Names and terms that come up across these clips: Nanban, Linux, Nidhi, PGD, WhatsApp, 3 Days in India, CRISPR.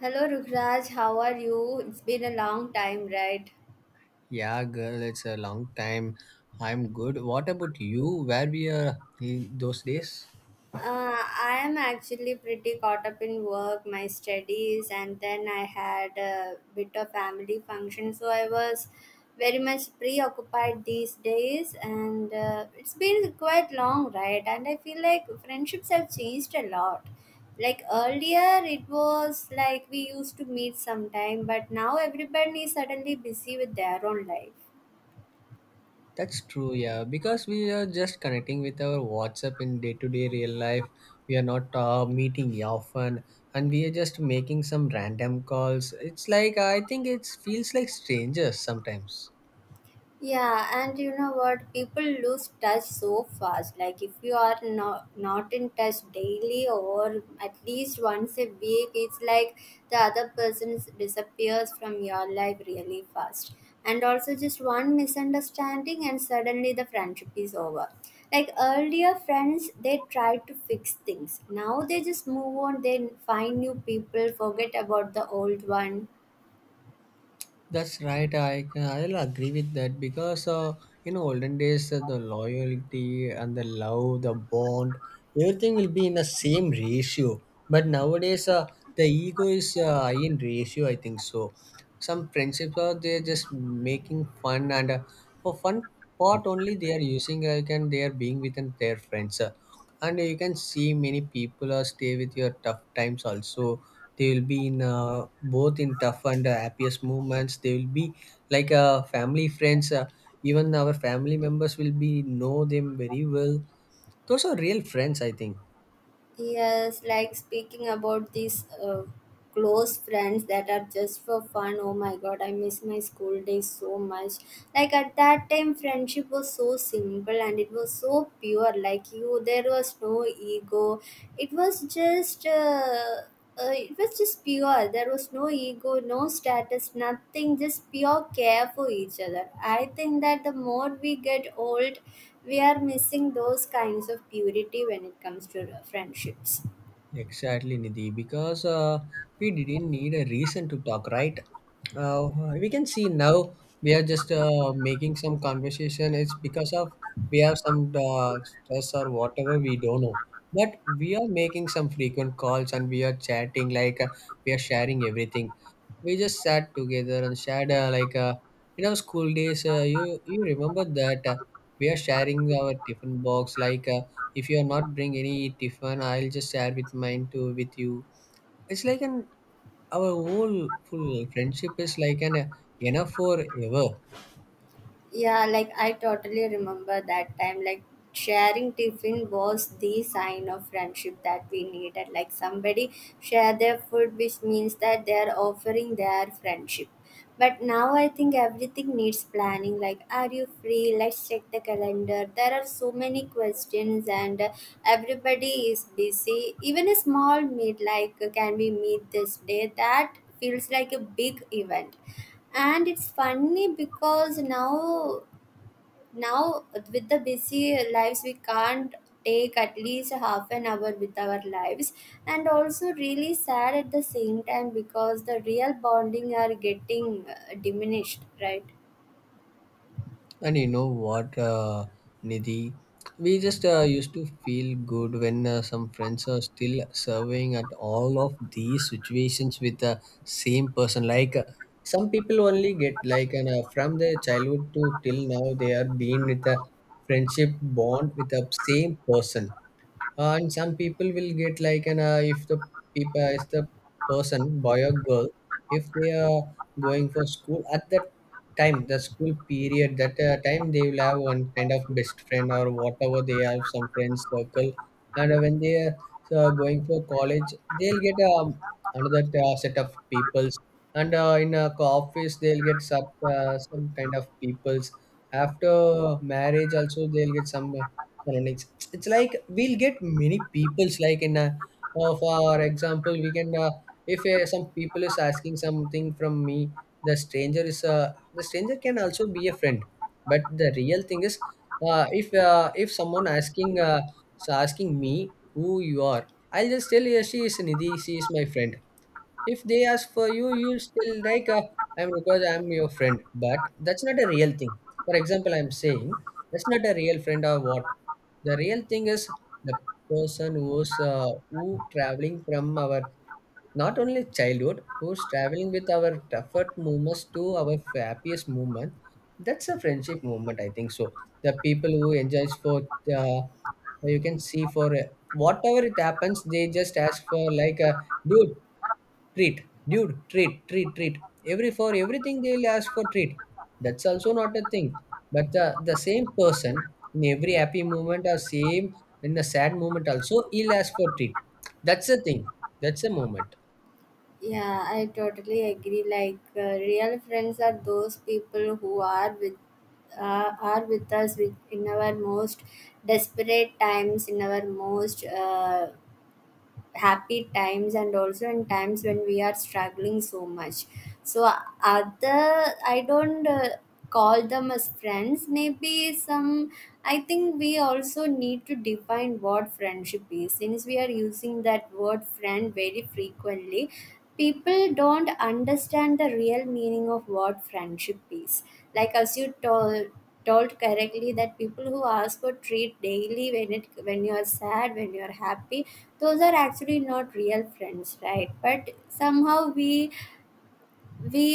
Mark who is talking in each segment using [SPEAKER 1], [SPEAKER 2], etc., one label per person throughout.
[SPEAKER 1] Hello Rukraj, how are you? It's been a long time, right?
[SPEAKER 2] Yeah, girl, it's a long time. I'm good. What about you? Where we are in those days?
[SPEAKER 1] I am actually pretty caught up in work, my studies, and then I had a bit of family function, so I was very much preoccupied these days, and it's been quite long, right? And I feel like friendships have changed a lot. Like earlier, it was like we used to meet sometime, but now everybody is suddenly busy with their own life.
[SPEAKER 2] That's true, yeah. Because we are just connecting with our WhatsApp in day-to-day real life. We are not meeting often, and we are just making some random calls. It's like I think it feels like strangers sometimes.
[SPEAKER 1] Yeah, and you know what? People lose touch so fast. Like if you are not in touch daily or at least once a week, it's like the other person is- disappears from your life really fast. And also just one misunderstanding and suddenly the friendship is over. Like earlier friends they tried to fix things. Now they just move on, they find new people, forget about the old one.
[SPEAKER 2] That's right. I'll agree with that because in olden days the loyalty and the love, the bond, everything will be in the same ratio. But nowadays, the ego is high in ratio, I think so. Some friendships are they're just making fun and for fun part only they are using like, and they are being with their friends. And you can see many people are stay with your tough times also. They will be in both in tough and happiest moments. They will be like family friends, even our family members will be know them very well. Those are real friends, I think.
[SPEAKER 1] Yes, like speaking about these close friends that are just for fun. Oh my god, I miss my school days so much. Like at that time, friendship was so simple and it was so pure. Like you, there was no ego. It was just. Uh, it was just pure. There was no ego, no status, nothing, just pure care for each other. I think that the more we get old, we are missing those kinds of purity when it comes to friendships.
[SPEAKER 2] Exactly, Nidhi, because we didn't need a reason to talk, right? Uh, we can see now we are just making some conversation. It's because of we have some stress or whatever, we don't know. But we are making some frequent calls and we are chatting, like, we are sharing everything. We just sat together and shared, like, in our school days, you remember that we are sharing our tiffin box, like, if you are not bring any tiffin, I'll just share with mine too with you. It's like an our whole full friendship is like an enough for ever.
[SPEAKER 1] Yeah, like I totally remember that time. Like sharing tiffin was the sign of friendship that we needed. Like somebody share their food, which means that they are offering their friendship. But now I think everything needs planning. Like, are you free? Let's check the calendar. There are so many questions, and everybody is busy. Even a small meet, like, can we meet this day? That feels like a big event, and it's funny because now with the busy lives we can't take at least half an hour with our lives, and also really sad at the same time because the real bonding are getting diminished, right?
[SPEAKER 2] And you know what, Nidhi, we just used to feel good when some friends are still serving at all of these situations with the same person. Like some people only get like an, from their childhood to till now they are being with a friendship bond with the same person. And some people will get like an, if the people if the person boy or girl, if they are going for school at that time, the school period, that time, they will have one kind of best friend or whatever, they have some friends circle. And when they are going for college, they'll get another set of peoples. And in a office, they'll get some kind of peoples. After marriage also, they'll get some Linux. It's like we'll get many people's like in a, for example, we can, if some people is asking something from me, the stranger is, the stranger can also be a friend. But the real thing is, if someone asking is asking me who you are, I'll just tell you she is Nidhi, she is my friend. If they ask for you, you'll still like I'm, because I'm your friend, but that's not a real thing. For example, I'm saying that's not a real friend or what. The real thing is the person who's who traveling from our not only childhood, who's traveling with our tougher moments to our happiest moment, that's a friendship moment, I think so. The people who enjoys for uh, you can see for whatever it happens, they just ask for like a dude, treat, dude, treat, treat, treat. Every for everything they will ask for treat. That's also not a thing. But the same person in every happy moment or same in the sad moment also, he'll ask for treat. That's the thing, that's a moment.
[SPEAKER 1] Yeah, I totally agree. Like real friends are those people who are with, are with us with, in our most desperate times, in our most happy times, and also in times when we are struggling so much. So other, I don't call them as friends. Maybe some, I think we also need to define what friendship is, since we are using that word friend very frequently. People don't understand the real meaning of what friendship is. Like as you told correctly, that people who ask for treat daily, when it, when you are sad, when you are happy, those are actually not real friends, right? But somehow we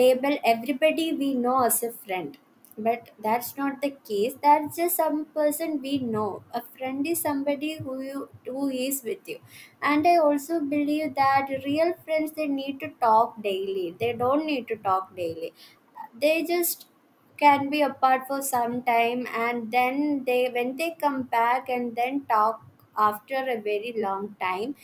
[SPEAKER 1] label everybody we know as a friend, but that's not the case. That's just some person we know. A friend is somebody who you, who is with you. And I also believe that real friends, they need to talk daily. They don't need to talk daily. They just can be apart for some time, and then they, when they come back and then talk after a very long time,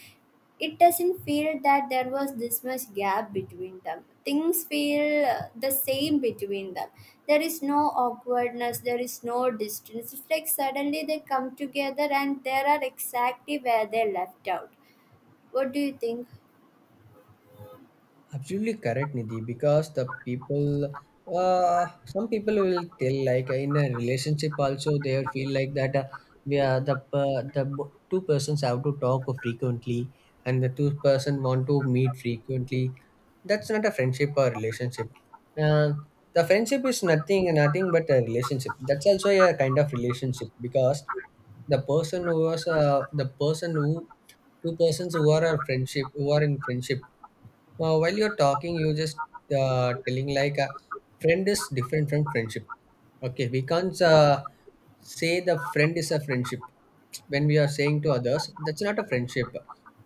[SPEAKER 1] it doesn't feel that there was this much gap between them. Things feel the same between them. There is no awkwardness, there is no distance. It's like suddenly they come together and there are exactly where they left out. What do you think?
[SPEAKER 2] Absolutely correct, Nidhi, because the people, some people will tell like in a relationship also, they will feel like that we are the per- the bo- two persons have to talk frequently and the two-person want to meet frequently. That's not a friendship or relationship. Uh, the friendship is nothing but a relationship. That's also a kind of relationship, because the person who two persons who are a friendship who are in friendship, well, while you're talking, you just telling like a friend is different from friendship. Okay, we can't say the friend is a friendship. When we are saying to others, that's not a friendship.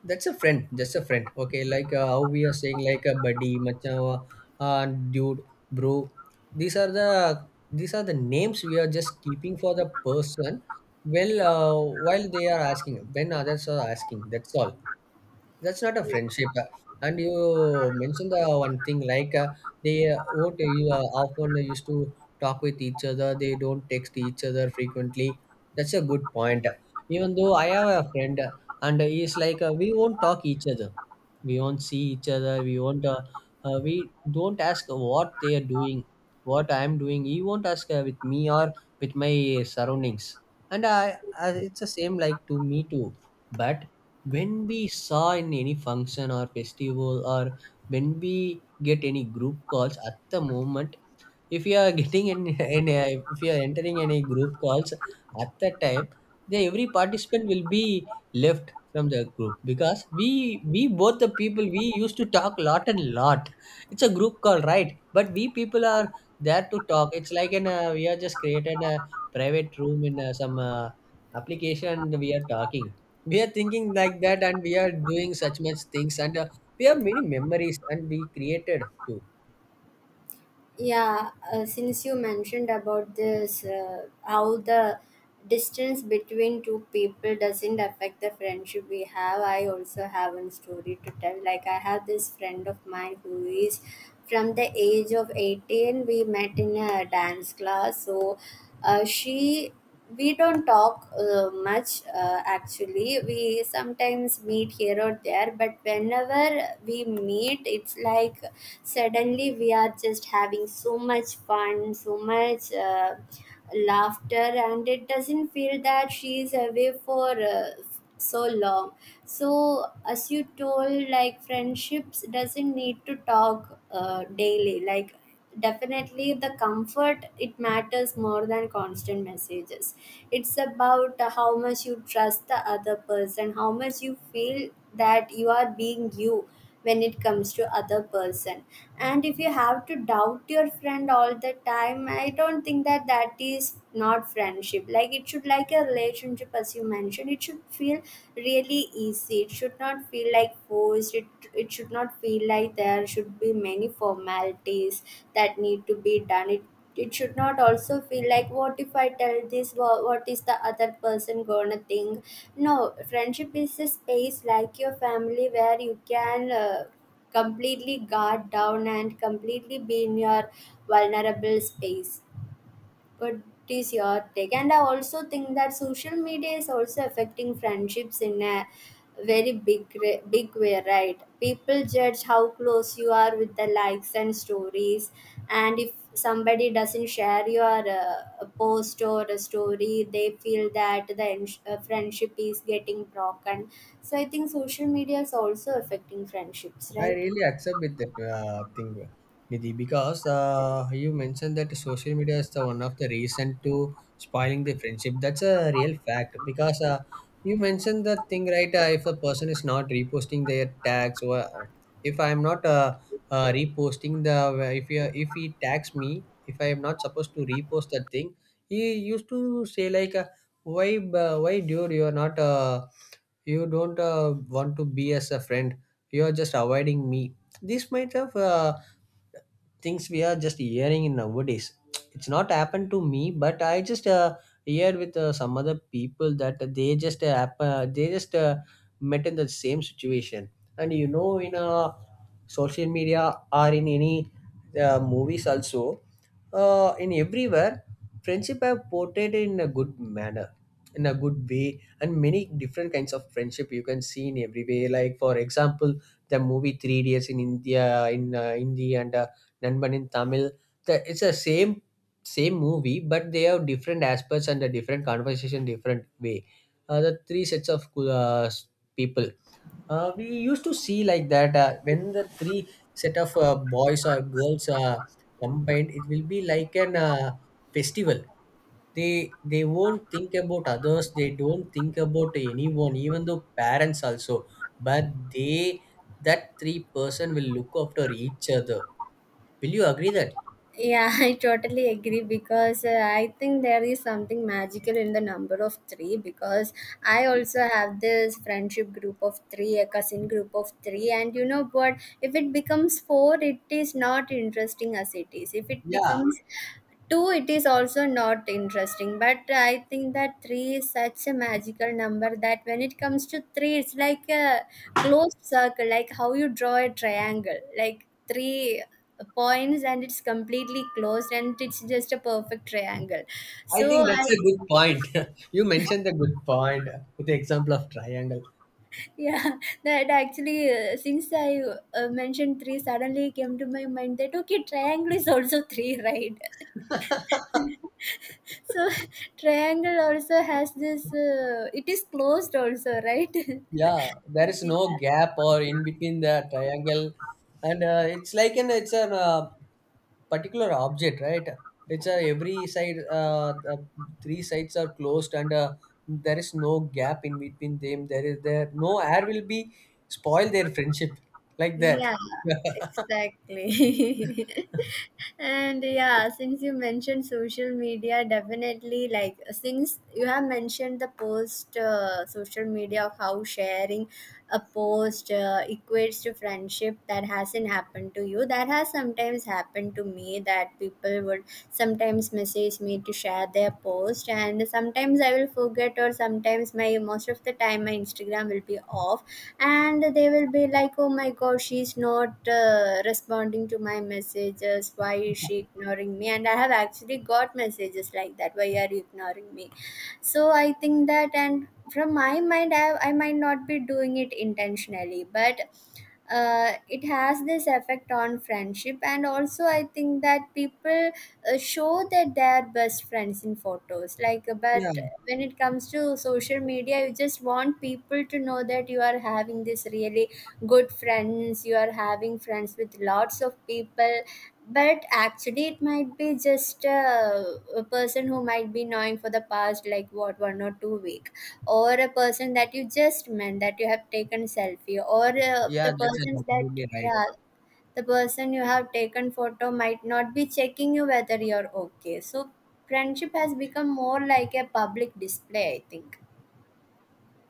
[SPEAKER 2] That's a friend, just a friend. Okay, like how we are saying like a buddy, macha, dude, bro. These are the these are the names we are just keeping for the person. Well, while they are asking, when others are asking, that's all, that's not a friendship. And you mentioned the one thing like they, what you often used to talk with each other. They don't text each other frequently. That's a good point. Even though I have a friend, and he's like we won't talk each other. We won't see each other. We won't. We don't ask what they are doing, what I am doing. He won't ask with me or with my surroundings. And it's the same like to me too. But when we saw in any function or festival, or when we get any group calls at the moment, if you are getting in a, if you are entering any group calls at that time, then every participant will be left from the group, because we both the people we used to talk lot and lot. It's a group call, right? But we people are there to talk. It's like in a, we are just created a private room in a, some application, and we are talking, we are thinking like that, and we are doing such much things, and we have many memories and we created too.
[SPEAKER 1] Yeah, since you mentioned about this, how the distance between two people doesn't affect the friendship we have, I also have a story to tell. Like, I have this friend of mine who is from the age of 18. We met in a dance class. So, she we don't talk much actually. We sometimes meet here or there, but whenever we meet, it's like suddenly we are just having so much fun, so much laughter, and it doesn't feel that she is away for so long. So, as you told, like friendships doesn't need to talk daily. Like definitely the comfort, it matters more than constant messages. It's about how much you trust the other person, how much you feel that you are being you when it comes to other person. And if you have to doubt your friend all the time, I don't think that that is not friendship. Like it should, like a relationship as you mentioned, it should feel really easy. It should not feel like forced. It it should not feel like there should be many formalities that need to be done. It should not also feel like, what if I tell this, what is the other person gonna think. No, friendship is a space like your family where you can completely guard down and completely be in your vulnerable space. But it's your take. And I also think that social media is also affecting friendships in a very big way, right? People judge how close you are with the likes and stories, and if somebody doesn't share your post or a story, they feel that the friendship is getting broken. So I think social media is also affecting friendships,
[SPEAKER 2] I
[SPEAKER 1] right?
[SPEAKER 2] really accept with that thing, Nidhi, because you mentioned that social media is the one of the reason to spoiling the friendship. That's a real fact, because you mentioned that thing, right. If a person is not reposting their tags, or if I am not reposting the, if he tags me, if I am not supposed to repost that thing, he used to say like, why dude, you are not. You don't want to be as a friend, you are just avoiding me. This might have things we are just hearing in nowadays. It's not happened to me, but I just hear with some other people that they just they just met in the same situation. And you know, in social media or in any movies also, in everywhere, friendship have portrayed in a good manner, in a good way. And many different kinds of friendship you can see in every way. Like, for example, the movie 3 days in India in Hindi, and Nanban in Tamil. The, it's the same same movie, but they have different aspects and a different conversation, different way. The three sets of uh, people, we used to see like that, when the three set of boys or girls are combined, it will be like an festival. They won't think about others, they don't think about anyone, even though parents also. But they, that three-person will look after each other. Will you agree that?
[SPEAKER 1] Yeah, I totally agree because I think there is something magical in the number of three. Because I also have this friendship group of three, a cousin group of three, and you know, but if it becomes four, it is not interesting as it is. If it
[SPEAKER 2] Yeah,
[SPEAKER 1] becomes two, it is also not interesting. But I think that three is such a magical number that when it comes to three, it's like a closed circle, like how you draw a triangle, like three points and it's completely closed, and it's just a perfect triangle.
[SPEAKER 2] I
[SPEAKER 1] So
[SPEAKER 2] think
[SPEAKER 1] I,
[SPEAKER 2] that's a good point. You mentioned the good point with the example of triangle.
[SPEAKER 1] yeah, that actually since I mentioned three, suddenly came to my mind that okay, triangle is also three, right? So, triangle also has this. It is closed also, right?
[SPEAKER 2] Yeah, there is
[SPEAKER 1] Yeah.
[SPEAKER 2] no gap or in between the triangle, and it's like an it's an particular object, right? It's a every side, the three sides are closed, and there is no gap in between them. There is there no air will be spoil their friendship like that.
[SPEAKER 1] Yeah. Exactly. And yeah, since you mentioned social media, definitely, like since you have mentioned the post, social media of how sharing a post equates to friendship, that hasn't happened to you, that has sometimes happened to me. That people would sometimes message me to share their post, and sometimes I will forget, or sometimes my, most of the time my Instagram will be off, and they will be like, oh my god, she's not responding to my messages, why is she ignoring me. And I have actually got messages like that, why are you ignoring me? So I think that, and from my mind, I might not be doing it intentionally, but it has this effect on friendship. And also I think that people show that they are best friends in photos, like but
[SPEAKER 2] Yeah,
[SPEAKER 1] when it comes to social media, you just want people to know that you are having this really good friends, you are having friends with lots of people, but actually it might be just a person who might be knowing for the past, like what, one or two week, or a person that you just met that you have taken selfie, or
[SPEAKER 2] yeah,
[SPEAKER 1] the
[SPEAKER 2] that's
[SPEAKER 1] persons
[SPEAKER 2] absolutely
[SPEAKER 1] that,
[SPEAKER 2] right.
[SPEAKER 1] yeah, the person you have taken photo might not be checking you whether you're okay. So friendship has become more like a public display, I think.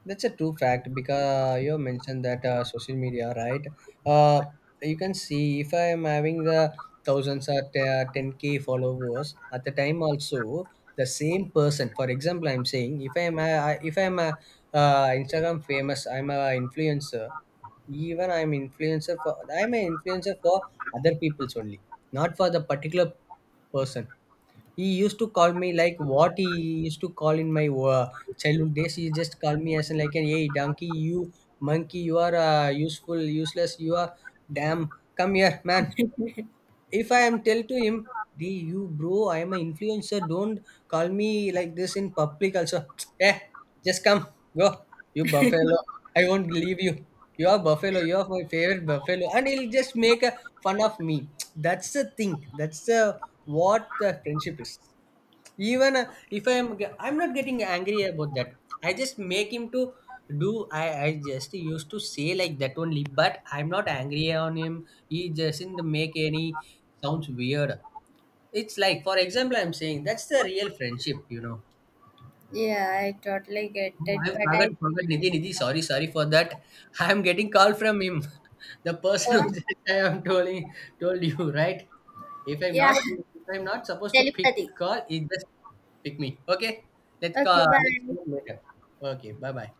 [SPEAKER 2] That's a true fact, because you mentioned that social media, right? Uh, you can see if I am having the thousands or 10K followers at the time also, the same person. For example, I'm saying, if I am a, if I am a Instagram famous, I'm a influencer. Even I'm influencer for I'm an influencer for other people's only, not for the particular person. He used to call me like what he used to call in my childhood days. He just called me as in like an, hey donkey, you monkey, you are useful, useless, you are damn. Come here, man. If I am tell to him, hey you bro, I am an influencer, don't call me like this in public also. Eh, just come, go. You buffalo. I won't leave you. You are buffalo. You are my favorite buffalo, and he'll just make a fun of me. That's the thing. That's the what the friendship is, even if I'm not getting angry about that. I just make him to do, I just used to say like that only, but I'm not angry on him. He doesn't make any sounds weird. It's like, for example, I'm saying, that's the real friendship, you know.
[SPEAKER 1] Yeah, I totally get
[SPEAKER 2] Oh,
[SPEAKER 1] it,
[SPEAKER 2] I
[SPEAKER 1] but I
[SPEAKER 2] forgot
[SPEAKER 1] think,
[SPEAKER 2] forgot Nidhi, sorry for that. I'm getting call from him. The person who
[SPEAKER 1] oh,
[SPEAKER 2] said I am told, told you right. If I'm
[SPEAKER 1] yeah,
[SPEAKER 2] not, if I'm not supposed to pick this
[SPEAKER 1] telepathy,
[SPEAKER 2] call, it just pick me. Okay,
[SPEAKER 1] okay,
[SPEAKER 2] let's
[SPEAKER 1] bye.
[SPEAKER 2] do it later. Okay, bye bye.